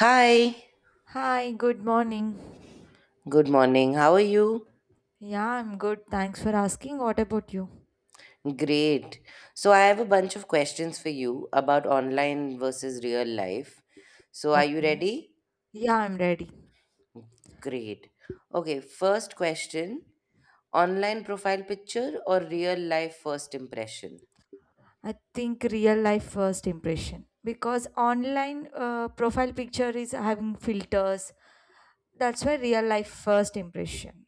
Hi, Hi, good morning. good morning. How are you? Yeah, I'm good. Thanks for asking. What about you? Great. So, I have a bunch of questions for you about online versus real life. So, are you Okay. ready? Yeah, I'm ready. Great. Okay, first question online profile picture or real life first impression? I think real life first impression because online profile picture is having filters. That's why real life first impression.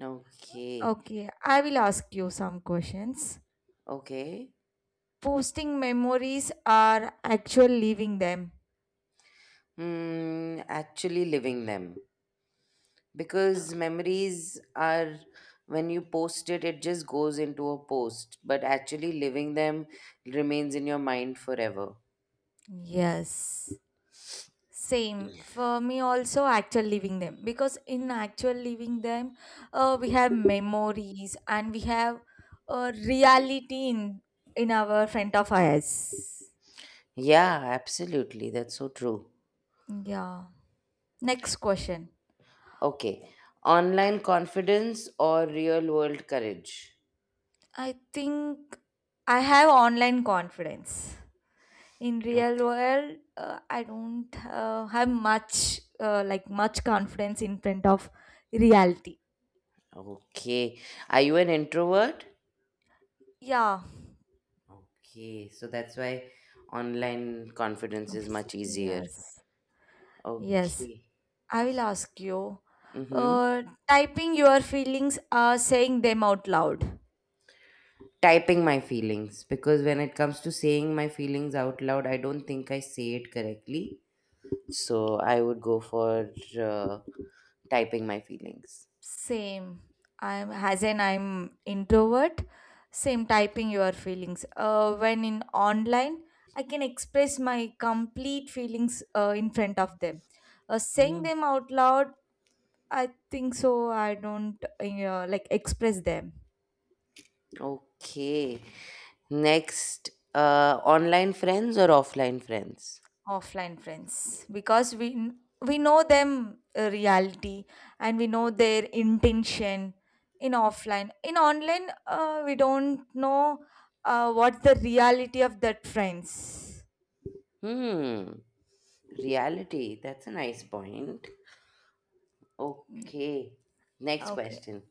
Okay, Okay, I will ask you some questions. okay. Posting memories are actual living them. Actually living them, because memories are when you post it it just goes into a post, but actually living them remains in your mind forever. Yes. Same for me also actual living them because in actual living them, we have memories and we have reality in our front of eyes. Yeah, absolutely, that's so true. Yeah. Next question. Okay, online confidence or real world courage. I think I have online confidence. In real Okay, world, I don't have much confidence in front of reality. okay, are you an introvert? Yeah. Okay, so that's why online confidence is Oops. much easier. Yes. Yes. Okay. I will ask you. Mm-hmm. Uh, Typing your feelings or saying them out loud. Typing my feelings, because when it comes to saying my feelings out loud, I don't think I say it correctly. So I would go for uh, typing my feelings. Same. I'm as an I'm introvert. Same typing your feelings. When in online, I can express my complete feelings in front of them. Saying Mm. them out loud, I think so. I don't like express them. Okay. Next, online friends or offline friends? Offline friends because we know them, reality, and we know their intention in offline. In online, we don't know what the reality of that friends. Hmm. Reality. That's a nice point. Okay. Next Okay, question.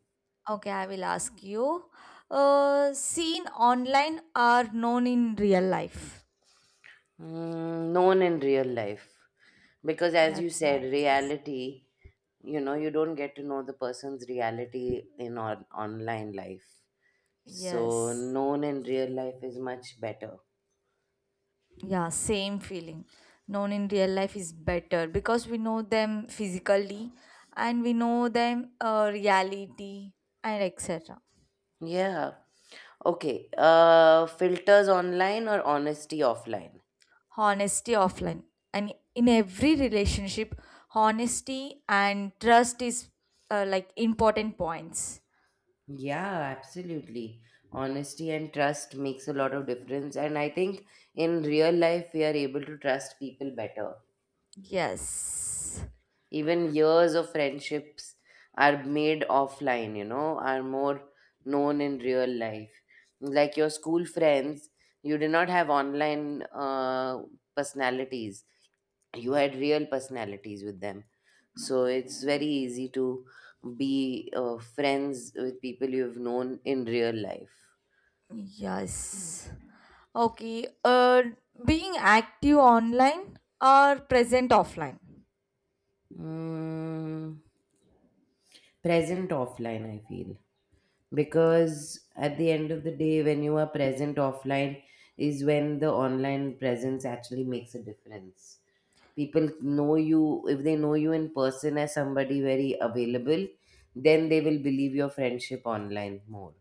okay, I will ask you. Seen online are known in real life. Known in real life. Because as you That's said, nice. reality, you know, you don't get to know the person's reality in online life. So, Yes. known in real life is much better. Yeah, same feeling. Known in real life is better because we know them physically and we know them, reality, and etc. Yeah. Okay. Filters online or honesty offline? Honesty offline. And in every relationship, honesty and trust is, like, important points. Yeah, absolutely. Honesty and trust makes a lot of difference. And I think in real life, we are able to trust people better. Yes. Even years of friendships are made offline, you know, are more known in real life, like your school friends. You did not have online personalities, you had real personalities with them. So it's very easy to be friends with people you've known in real life. Yes. Okay. Being active online or present offline? mm, present offline I feel, because at the end of the day when you are present offline is when the online presence actually makes a difference. People know you if they know you in person as somebody very available, then they will believe your friendship online more.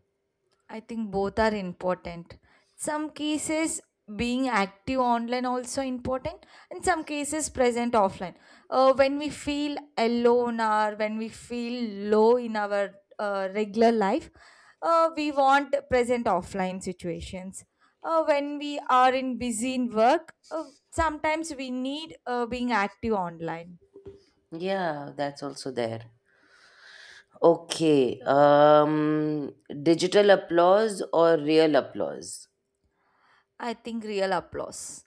I think both are important. Some cases being active online also important and some cases present offline. When we feel alone or when we feel low in our regular life, we want present offline situations. When we are in busy in work, sometimes we need being active online. Yeah, that's also there. Okay. Um, digital applause or real applause? I think real applause.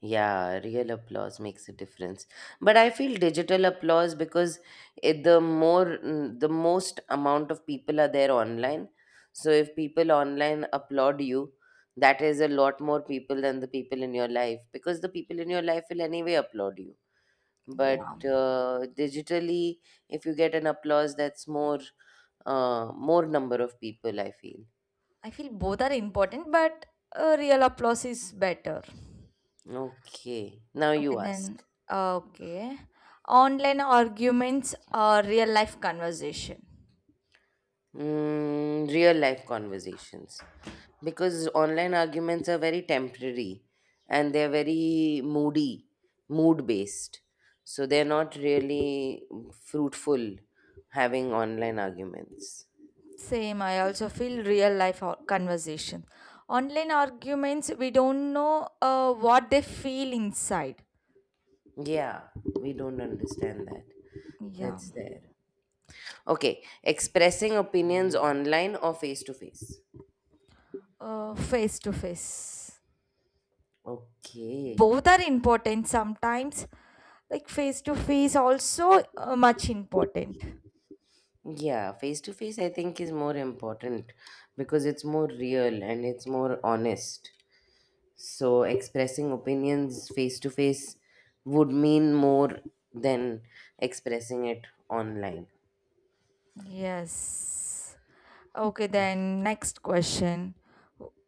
Yeah, real applause makes a difference. But I feel digital applause because it, the more, the most amount of people are there online. So if people online applaud you, that is a lot more people than the people in your life, because the people in your life will anyway applaud you. But Yeah, digitally, if you get an applause, that's more, more number of people, I feel. I feel both are important, but real applause is better. Okay, now Okay, you then. ask. Okay. Online arguments or real life conversation? Real life conversations. Because online arguments are very temporary and they're very moody, mood based. So they're not really fruitful having online arguments. Same. I also feel real life conversation. Online arguments, we don't know what they feel inside. Yeah, we don't understand that. Yeah. That's there. Okay, expressing opinions online or face to face? Face to face. Okay. Both are important sometimes. Like face to face, also much important. Yeah, face to face I think is more important because it's more real and it's more honest. So expressing opinions face to face would mean more than expressing it online. Yes. Okay, then next question.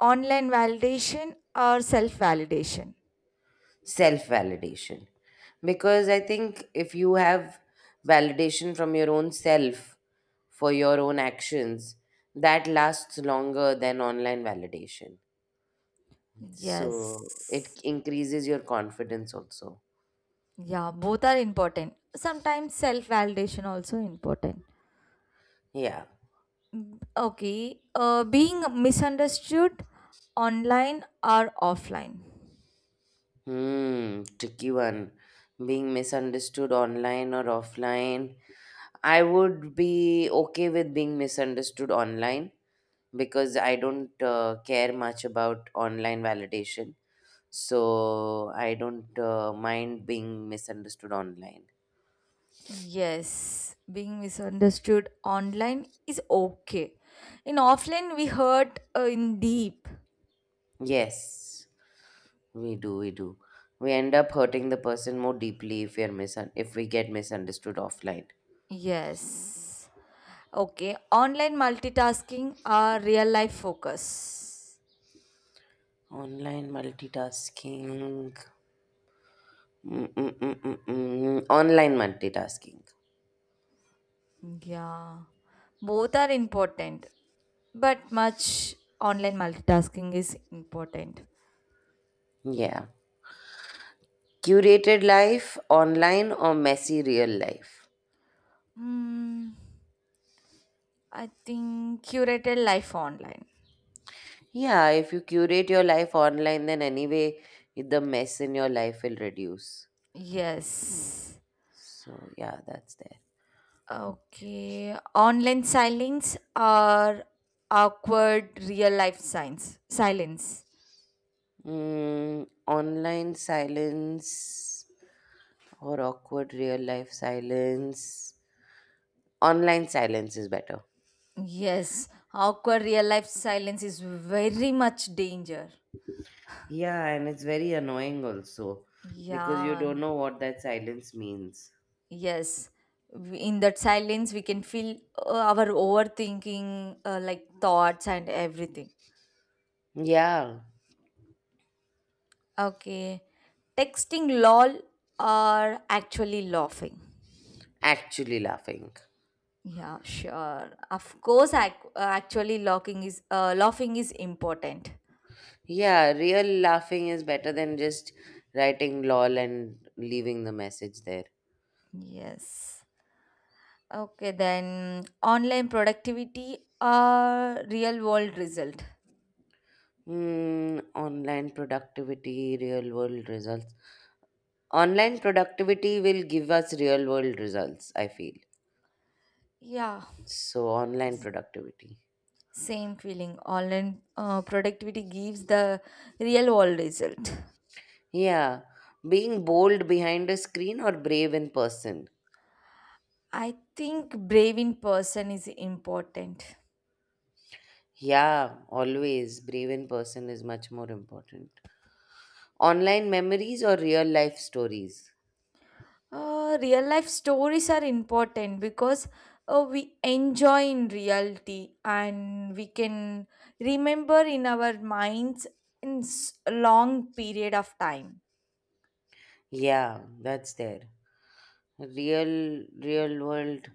Online validation or self-validation? Self validation. Because I think if you have validation from your own self for your own actions, that lasts longer than online validation. So Yes. it increases your confidence also. Yeah, both are important. Sometimes self-validation also important. Yeah. Mm. Okay, being misunderstood online or offline? Hmm, tricky one. Being misunderstood online or offline. I would be okay with being misunderstood online because I don't care much about online validation. So I don't mind being misunderstood online. Yes, being misunderstood online is okay. In offline, we hurt, in deep. Yes, we do, we do. We end up hurting the person more deeply if we are if we get misunderstood offline. Yes. Okay, online multitasking or real life focus? Online multitasking. Mm-mm-mm-mm-mm. Online multitasking. Yeah, both are important, but much online multitasking is important. Yeah. Curated life online or messy real life? Hmm, I think curated life online. Yeah, if you curate your life online, then anyway, the mess in your life will reduce. Yes. So, yeah, that's there. Okay, online silence or awkward real life signs silence. Online silence or awkward real life silence. Online silence is better. Yes, awkward real life silence is very much danger. Yeah, and it's very annoying also because you Yeah. don't know what that silence means. Yes, in that silence, we can feel our overthinking, like thoughts and everything. Yeah. Okay, texting lol or actually laughing. Actually laughing. Yeah, sure. Of course, actually laughing is important. Yeah, real laughing is better than just writing lol and leaving the message there. Yes. Okay, then online productivity or real world result. Hmm, online productivity, real world results. Online productivity will give us real world results, I feel. Yeah, So, online productivity. same feeling. Online productivity gives the real world result. Yeah, being bold behind a screen or brave in person. I think brave in person is important. Yeah, always brave in person is much more important. Online memories or real life stories. Real life stories are important because we enjoy in reality and we can remember in our minds a long period of time. Yeah, that's there. Real, real world,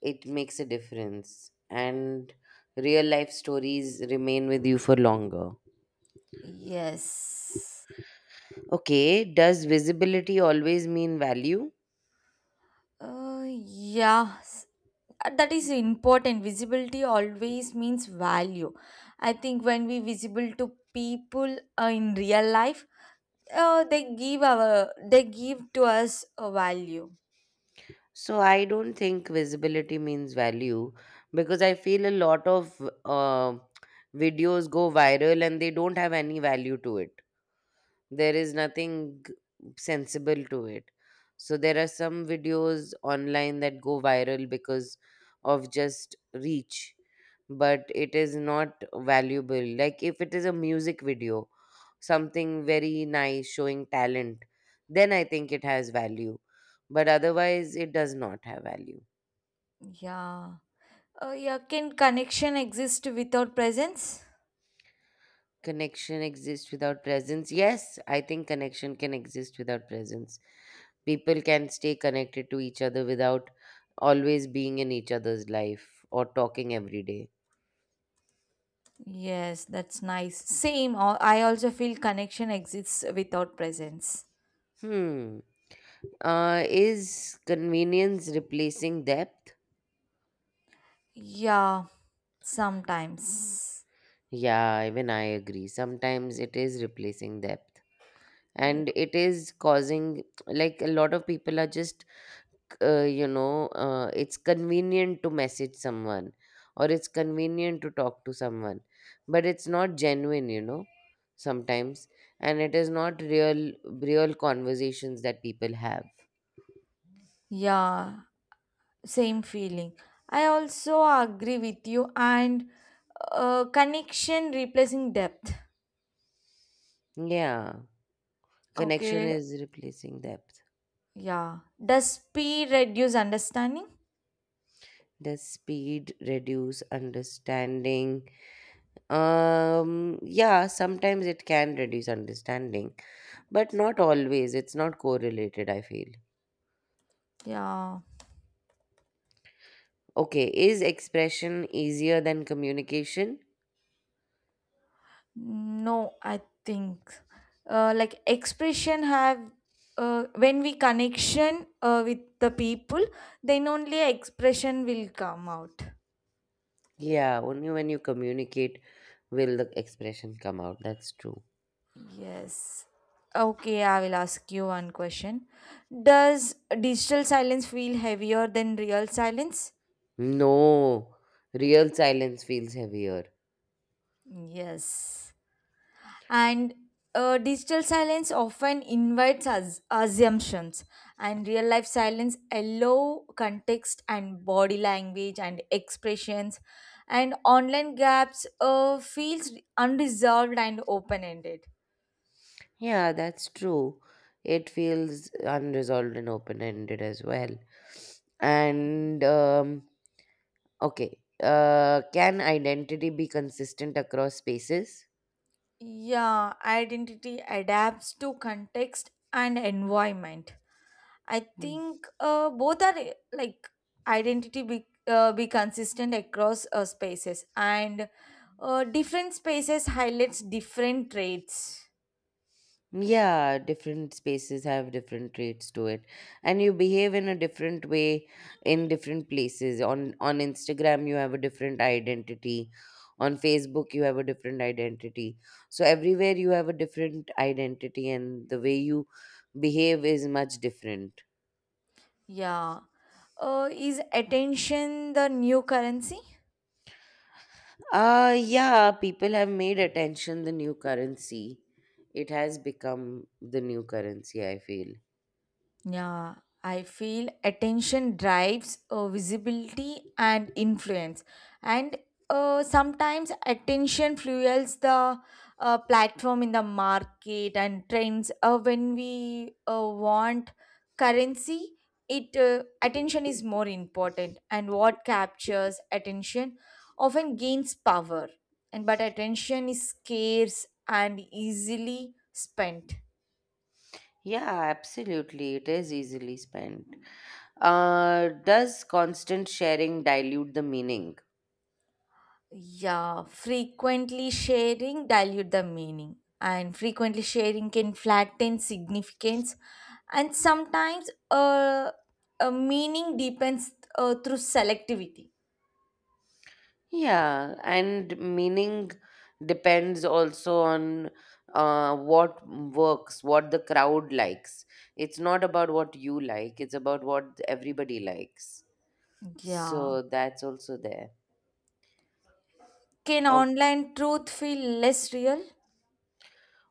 it makes a difference. And real life stories remain with you for longer. Yes. Okay, does visibility always mean value? Yeah, that is important. Visibility always means value. I think when we visible to people, in real life, they give our they give to us a value. So I don't think visibility means value because I feel a lot of uh, videos go viral and they don't have any value to it. There is nothing sensible to it. So there are some videos online that go viral because of just reach, but it is not valuable. Like if it is a music video, something very nice showing talent, then I think it has value, but otherwise it does not have value. Yeah. Yeah. Can connection exist without presence? Connection exists without presence. Yes, I think connection can exist without presence. People can stay connected to each other without always being in each other's life or talking every day. Yes, that's nice. Same. I also feel connection exists without presence. Hmm. Is convenience replacing depth? Yeah, sometimes. Yeah, even I agree. Sometimes it is replacing depth. Yeah. And it is causing, like, a lot of people are just it's convenient to message someone or it's convenient to talk to someone, but it's not genuine, you know, sometimes, and it is not real, real conversations that people have. Yeah. Same feeling. I also agree with you, and connection replacing depth. Yeah, connection Okay, is replacing depth. yeah. Does speed reduce understanding? Does speed reduce understanding? Yeah, sometimes it can reduce understanding, but not always. It's not correlated, I feel. Yeah. Okay, is expression easier than communication? No, I think, like, expression have, when we connection with the people, then only expression will come out. Yeah, only when you communicate will the expression come out. That's true. Yes. Okay, I will ask you one question. Does digital silence feel heavier than real silence? No, real silence feels heavier. Yes. And digital silence often invites us assumptions, and real life silence allow context and body language and expressions, and online gaps feels unresolved and open ended. Yeah, that's true. It feels unresolved and open ended as well. And, okay, can identity be consistent across spaces? Yeah, identity adapts to context and environment. I Hmm. think both are, like, identity be consistent across spaces, and different spaces highlights different traits. Yeah, different spaces have different traits to it. And you behave in a different way in different places. On Instagram you have a different identity. On Facebook you have a different identity. So everywhere you have a different identity and the way you behave is much different. Yeah. Is attention the new currency? Yeah, people have made attention the new currency. It has become the new currency, I feel. Yeah, I feel attention drives, visibility and influence. And sometimes attention fuels the, platform in the market and trends. When we want currency, it, attention is more important. And what captures attention often gains power. And but attention is scarce and easily spent. Yeah, absolutely. It is easily spent. Does constant sharing dilute the meaning? Yeah, frequently sharing dilute the meaning and frequently sharing can flatten significance, and sometimes a meaning deepens through selectivity. Yeah, and meaning depends also on what works, what the crowd likes. It's not about what you like, it's about what everybody likes. Yeah. So that's also there. Can online truth feel less real?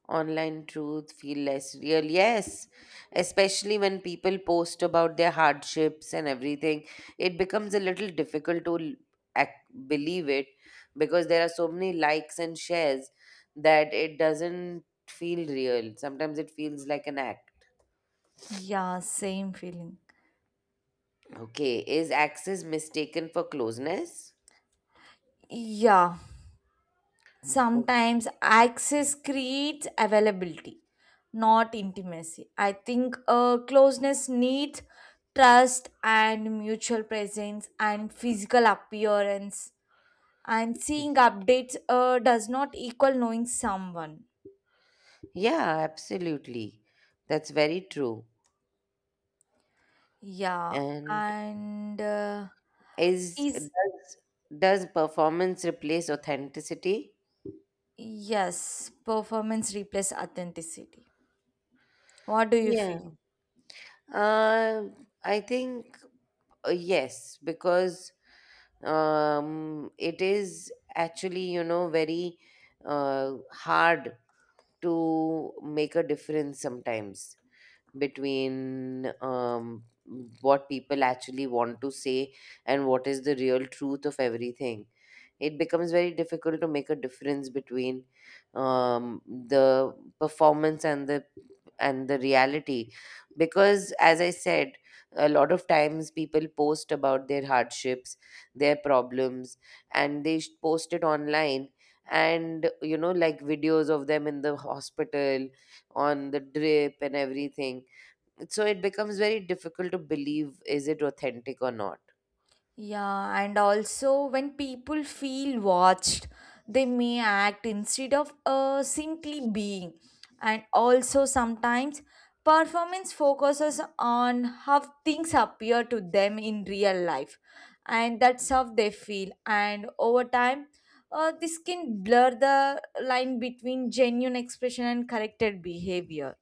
Online truth feel less real. Yes, especially when people post about their hardships and everything, it becomes a little difficult to believe it because there are so many likes and shares that it doesn't feel real. Sometimes it feels like an act. Yeah, same feeling. Okay, is access mistaken for closeness? Yeah. Okay. Sometimes access creates availability, not intimacy. I think closeness needs trust and mutual presence and physical appearance, and seeing updates does not equal knowing someone. Yeah, absolutely. That's very true. Yeah, And and is is does performance replace authenticity? yes, performance replaces authenticity. What do you Yeah. feel? Uh, I think yes, because it is actually, you know, very hard to make a difference sometimes between what people actually want to say and what is the real truth of everything. It becomes very difficult to make a difference between the performance and the reality, because as I said, a lot of times people post about their hardships, their problems, and they post it online, and you know, like videos of them in the hospital, on the drip and everything. So it becomes very difficult to believe, is it authentic or not? Yeah, and also when people feel watched, they may act instead of simply being. And also sometimes performance focuses on how things appear to them in real life, and that's how they feel. And over time, this can blur the line between genuine expression and corrected behavior.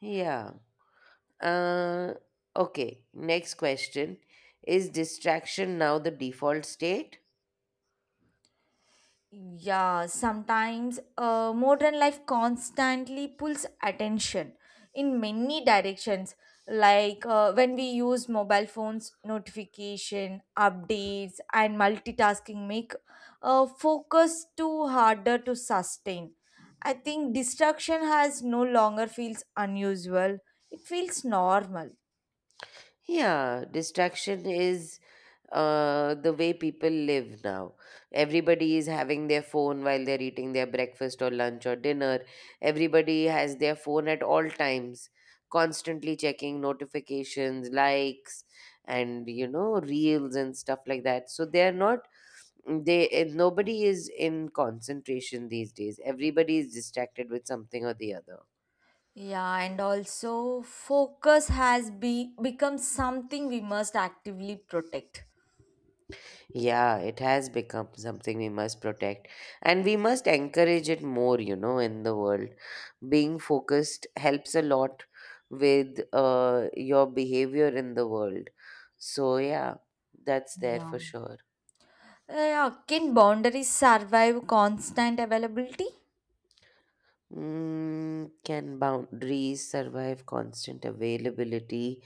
Yeah. uh okay, next question. Is distraction now the default state? Yeah, sometimes modern life constantly pulls attention in many directions. Like, when we use mobile phones, notification, updates, and multitasking make focus too harder to sustain. I think distraction has no longer feels unusual. It feels normal. Yeah, distraction is the way people live now. Everybody is having their phone while they're eating their breakfast or lunch or dinner. Everybody has their phone at all times, constantly checking notifications, likes, and you know, reels and stuff like that. So they're not, they, eh, nobody is in concentration these days. Everybody is distracted with something or the other. Yeah, and also focus has be become something we must actively protect. Yeah, it has become something we must protect, and we must encourage it more, you know, in the world. Being focused helps a lot with your behavior in the world. So, yeah, that's there Yeah. for sure. Can boundaries survive constant availability? Mm, can boundaries survive constant availability?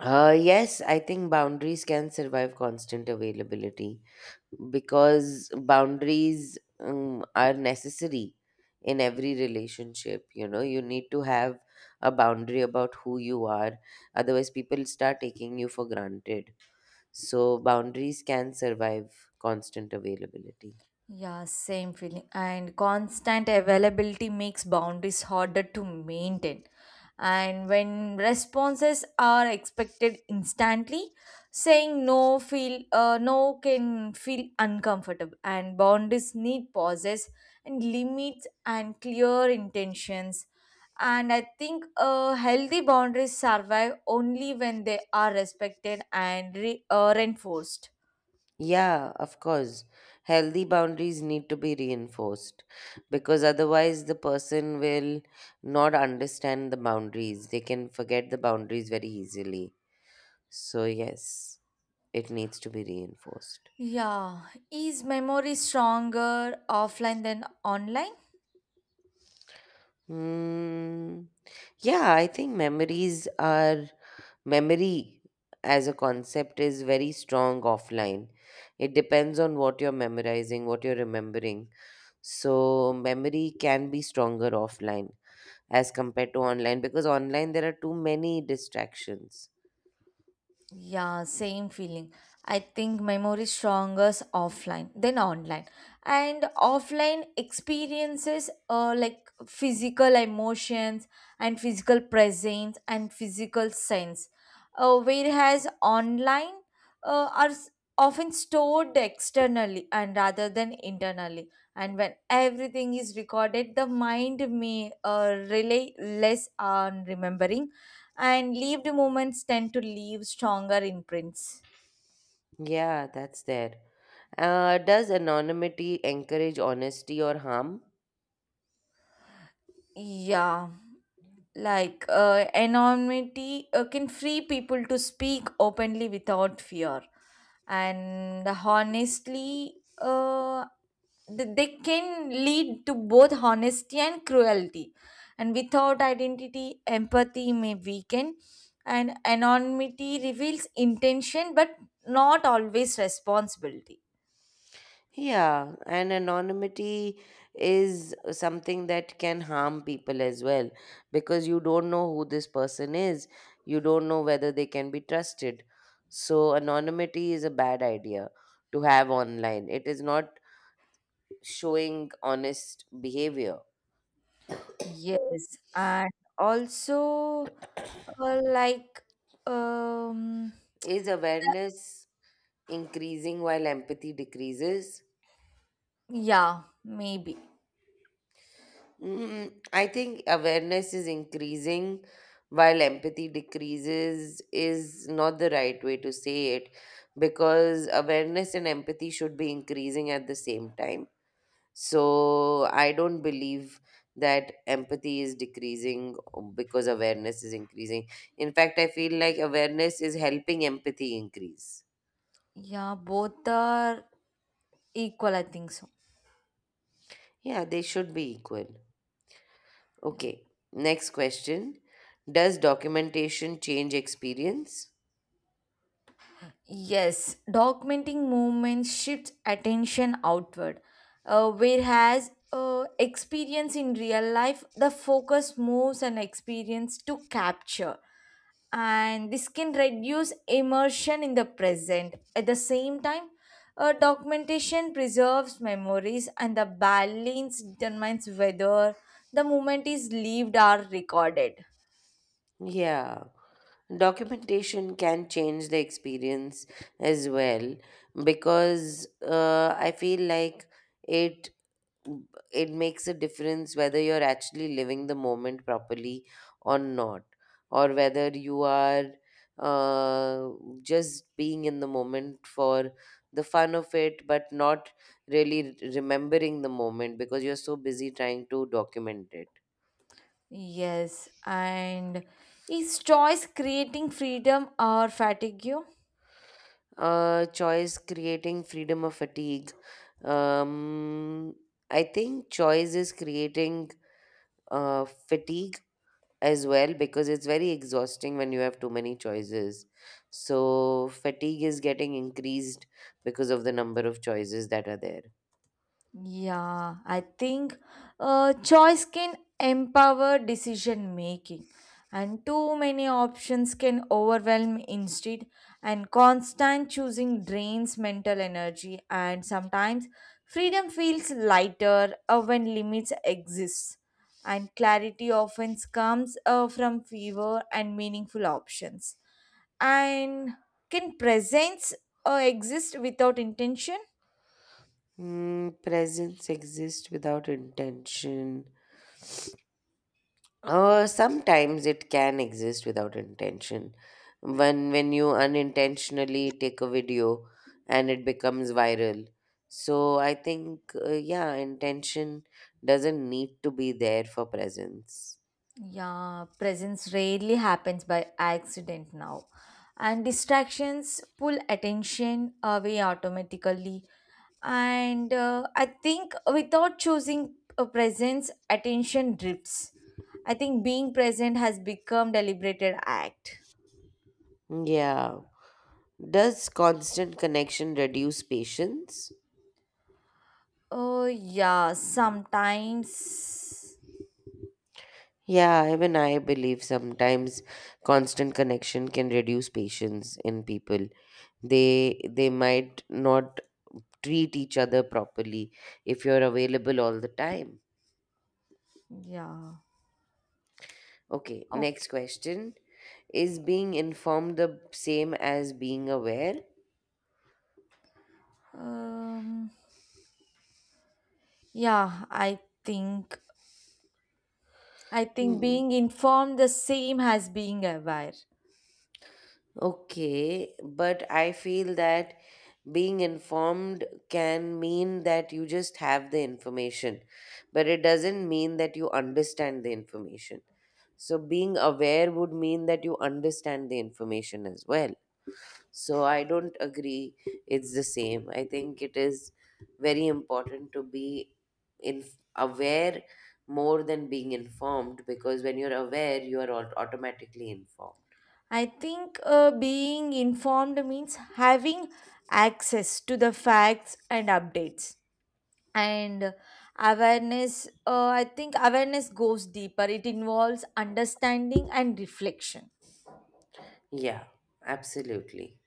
Yes, I think boundaries can survive constant availability, because boundaries are necessary in every relationship. You know, you need to have a boundary about who you are, otherwise people start taking you for granted. So boundaries can survive constant availability. Yeah, same feeling. And constant availability makes boundaries harder to maintain. And when responses are expected instantly, saying no can feel uncomfortable. And boundaries need pauses and limits and clear intentions. And I think healthy boundaries survive only when they are respected and reinforced. Yeah, of course, healthy boundaries need to be reinforced, because otherwise the person will not understand the boundaries, they can forget the boundaries very easily. So yes, it needs to be reinforced. Yeah, is memory stronger offline than online? Hmm. Yeah, I think memories are memory as a concept is very strong offline. It depends on what you're memorizing, what you're remembering. So, memory can be stronger offline as compared to online, because online there are too many distractions. Yeah, same feeling. I think memory is stronger offline than online. And offline experiences, like physical emotions and physical presence and physical sense. Whereas online are often stored externally and rather than internally. And when everything is recorded, the mind may rely less on remembering, and lived moments tend to leave stronger imprints. Yeah, that's there. Does anonymity encourage honesty or harm? Yeah, like, anonymity can free people to speak openly without fear, and honestly, they can lead to both honesty and cruelty. And without identity, empathy may weaken, and anonymity reveals intention but not always responsibility. Yeah, and anonymity is something that can harm people as well, because you don't know who this person is. You don't know whether they can be trusted. So, anonymity is a bad idea to have online. It is not showing honest behavior. Yes, and also like, um Is awareness increasing while empathy decreases? yeah, maybe. I think awareness is increasing while empathy decreases is not the right way to say it because awareness and empathy should be increasing at the same time. So I don't believe that empathy is decreasing because awareness is increasing. In fact, I feel like awareness is helping empathy increase. Yeah, both are equal, I think so. Yeah, they should be equal. Okay, next question. Does documentation change experience? Yes, documenting movement shifts attention outward, whereas experience in real life, the focus moves an experience to capture, and this can reduce immersion in the present. At the same time, documentation preserves memories, and the balance determines whether the moment is lived or recorded. Yeah. Documentation can change the experience as well because I feel like it it makes a difference whether you're actually living the moment properly or not, or whether you are uh, just being in the moment for the fun of it, but not really remembering the moment because you're so busy trying to document it. Yes, and is choice creating freedom or fatigue? Choice creating freedom of fatigue. Um, I think choice is creating fatigue as well because it's very exhausting when you have too many choices. So, fatigue is getting increased because of the number of choices that are there. Yeah, I think choice can empower decision making, and too many options can overwhelm instead, and constant choosing drains mental energy, and sometimes freedom feels lighter when limits exist, and clarity often comes from fewer and meaningful options. And can presence exist without intention? Hmm, presence exists without intention. Sometimes it can exist without intention. When you unintentionally take a video and it becomes viral. So I think yeah, intention doesn't need to be there for presence. Yeah, presence rarely happens by accident now. And distractions pull attention away automatically. And I think without choosing a presence, attention drifts. I think being present has become deliberated act. Yeah. Does constant connection reduce patience? Oh yeah, sometimes. Yeah, even I believe sometimes constant connection can reduce patience in people. They might not treat each other properly if you're available all the time. Yeah. Okay, next Okay. question. Is being informed the same as being aware? Um Yeah, think I think Hmm. being informed the same as being aware. Okay, but I feel that being informed can mean that you just have the information, but it doesn't mean that you understand the information. So, being aware would mean that you understand the information as well. So I don't agree it's the same. I think it is very important to be in aware more than being informed because when you're aware, you are automatically informed. I think being informed means having access to the facts and updates. And awareness, I think awareness goes deeper. It involves understanding and reflection. Yeah, absolutely.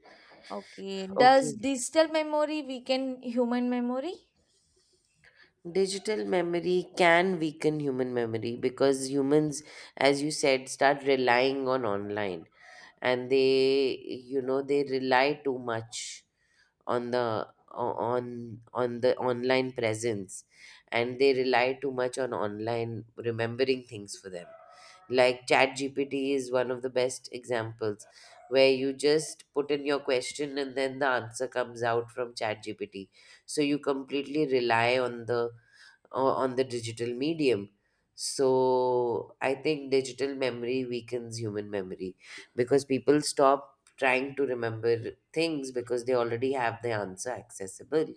Okay, does Okay. digital memory weaken human memory? Digital memory can weaken human memory because humans, as you said, start relying on online and they, you know, they rely too much on the on the online presence and they rely too much on online remembering things for them, like chat gpt is one of the best examples where you just put in your question and then the answer comes out from chat gpt, so you completely rely on the on the digital medium. So I think digital memory weakens human memory because people stop trying to remember things because they already have the answer accessible.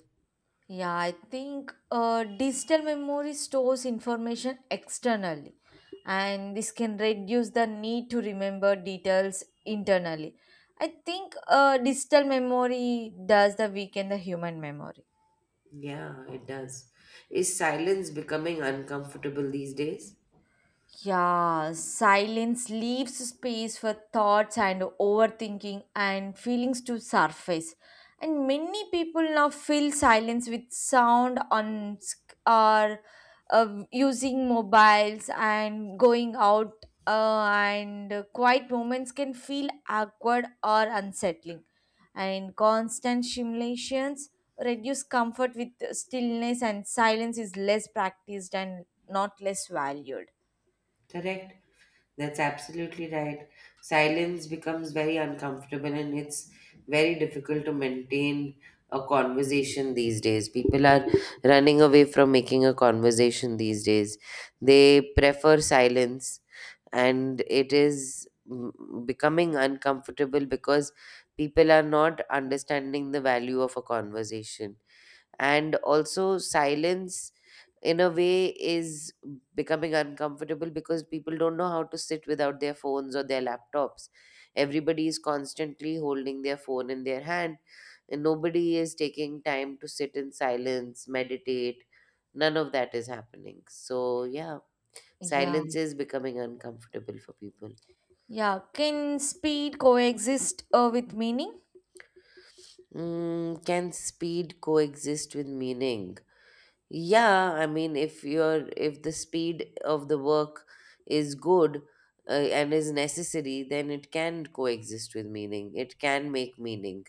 Yeah, I think digital memory stores information externally, and this can reduce the need to remember details internally. I think digital memory does the weaken the human memory. Yeah, it does. Is silence becoming uncomfortable these days? Yeah, silence leaves space for thoughts and overthinking and feelings to surface. And many people now fill silence with sound on or, using mobiles and going out, and quiet moments can feel awkward or unsettling. And constant stimulations reduce comfort with stillness and silence is less practiced and not less valued. Correct. That's absolutely right. Silence becomes very uncomfortable and it's very difficult to maintain a conversation these days. People are running away from making a conversation these days. They prefer silence and it is becoming uncomfortable because people are not understanding the value of a conversation, and also silence in a way is becoming uncomfortable because people don't know how to sit without their phones or their laptops. Everybody is constantly holding their phone in their hand and nobody is taking time to sit in silence, meditate, none of that is happening. So yeah, Yeah, silence is becoming uncomfortable for people. yeah. Can speed coexist with meaning? Mm, can speed coexist with meaning? Yeah, I mean, if the speed of the work is good and is necessary, then it can coexist with meaning. It can make meaning.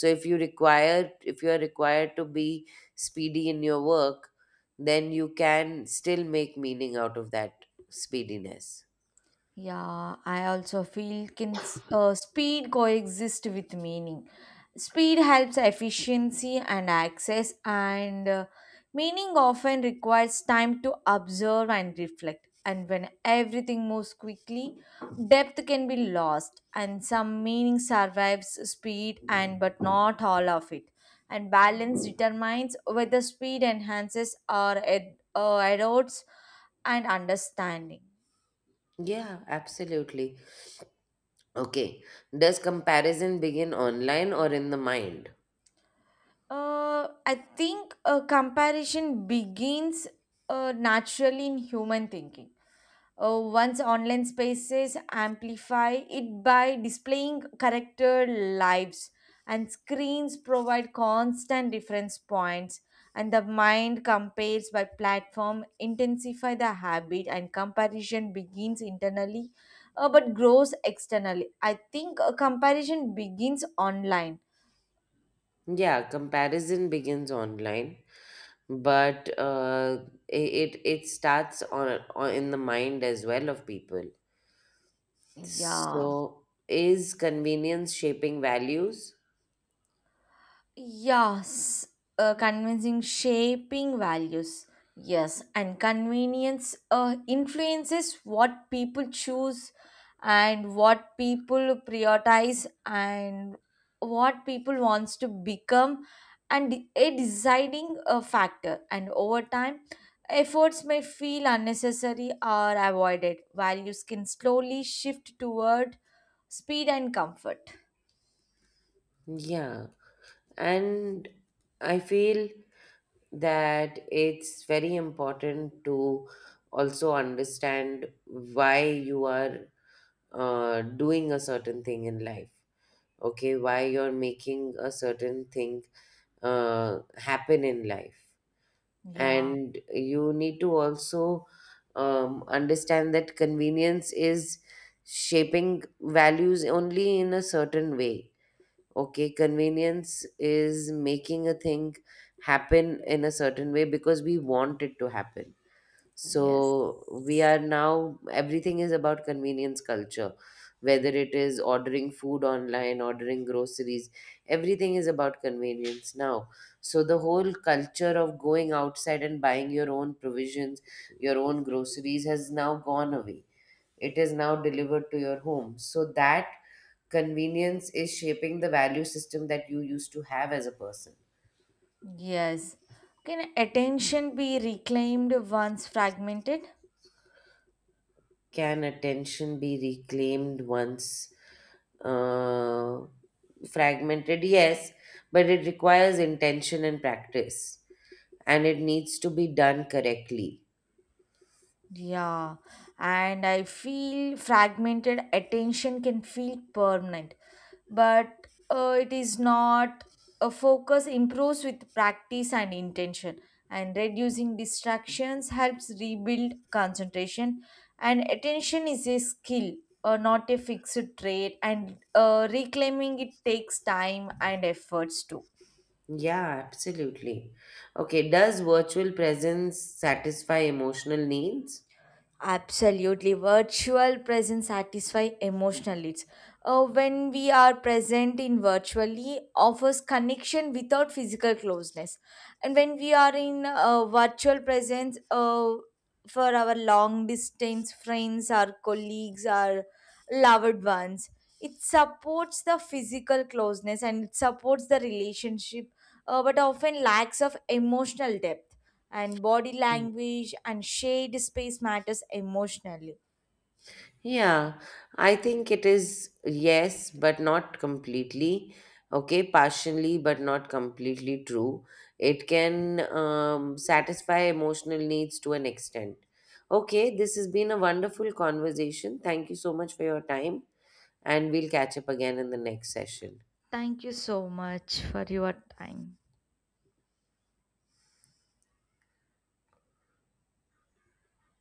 So if you require, if you are required to be speedy in your work, then you can still make meaning out of that speediness. Yeah, I also feel can speed coexist with meaning. Speed helps efficiency and access, and meaning often requires time to observe and reflect. And when everything moves quickly, depth can be lost, and some meaning survives speed, and but not all of it. And balance determines whether speed enhances or erodes and understanding. Yeah, absolutely. Okay. Does comparison begin online or in the mind? I think a comparison begins naturally in human thinking. Once online spaces amplify it by displaying character lives, and screens provide constant reference points, and the mind compares by platform, intensify the habit, and comparison begins internally, but grows externally. I think a comparison begins online. Yeah, comparison begins online, but it starts on in the mind as well of people. Yeah. So is convenience shaping values? Yes, convincing shaping values. Yes, and convenience influences what people choose and what people prioritize and what people wants to become, and a deciding factor, and over time efforts may feel unnecessary or avoided values can slowly shift toward speed and comfort. Yeah, and I feel that it's very important to also understand why you are doing a certain thing in life, okay, why you're making a certain thing happen in life, Yeah. and you need to also understand that convenience is shaping values only in a certain way. Okay, convenience is making a thing happen in a certain way because we want it to happen. Yes. So we are now, everything is about convenience culture, whether it is ordering food online, ordering groceries, everything is about convenience now. So the whole culture of going outside and buying your own provisions, your own groceries has now gone away. It is now delivered to your home. So that convenience is shaping the value system that you used to have as a person. Yes. Can attention be reclaimed once fragmented? Can attention be reclaimed once uh, fragmented? Yes, but it requires intention and practice, and it needs to be done correctly. Yeah. And I feel fragmented attention can feel permanent, but it is not. A focus improves with practice and intention, and reducing distractions helps rebuild concentration. And attention is a skill, not a fixed trait, and reclaiming it takes time and efforts too. Yeah, absolutely. Okay, does virtual presence satisfy emotional needs? Absolutely. Virtual presence satisfy emotional needs. When we are present in virtually, offers connection without physical closeness. And when we are in virtual presence, for our long distance friends, our colleagues, our loved ones, it supports the physical closeness and it supports the relationship, but often lacks of emotional depth and body language and shade space matters emotionally. Yeah, I think it is yes, but not completely. Okay, partially, but not completely true. It can satisfy emotional needs to an extent. Okay, this has been a wonderful conversation. Thank you so much for your time, and we'll catch up again in the next session. Thank you so much for your time.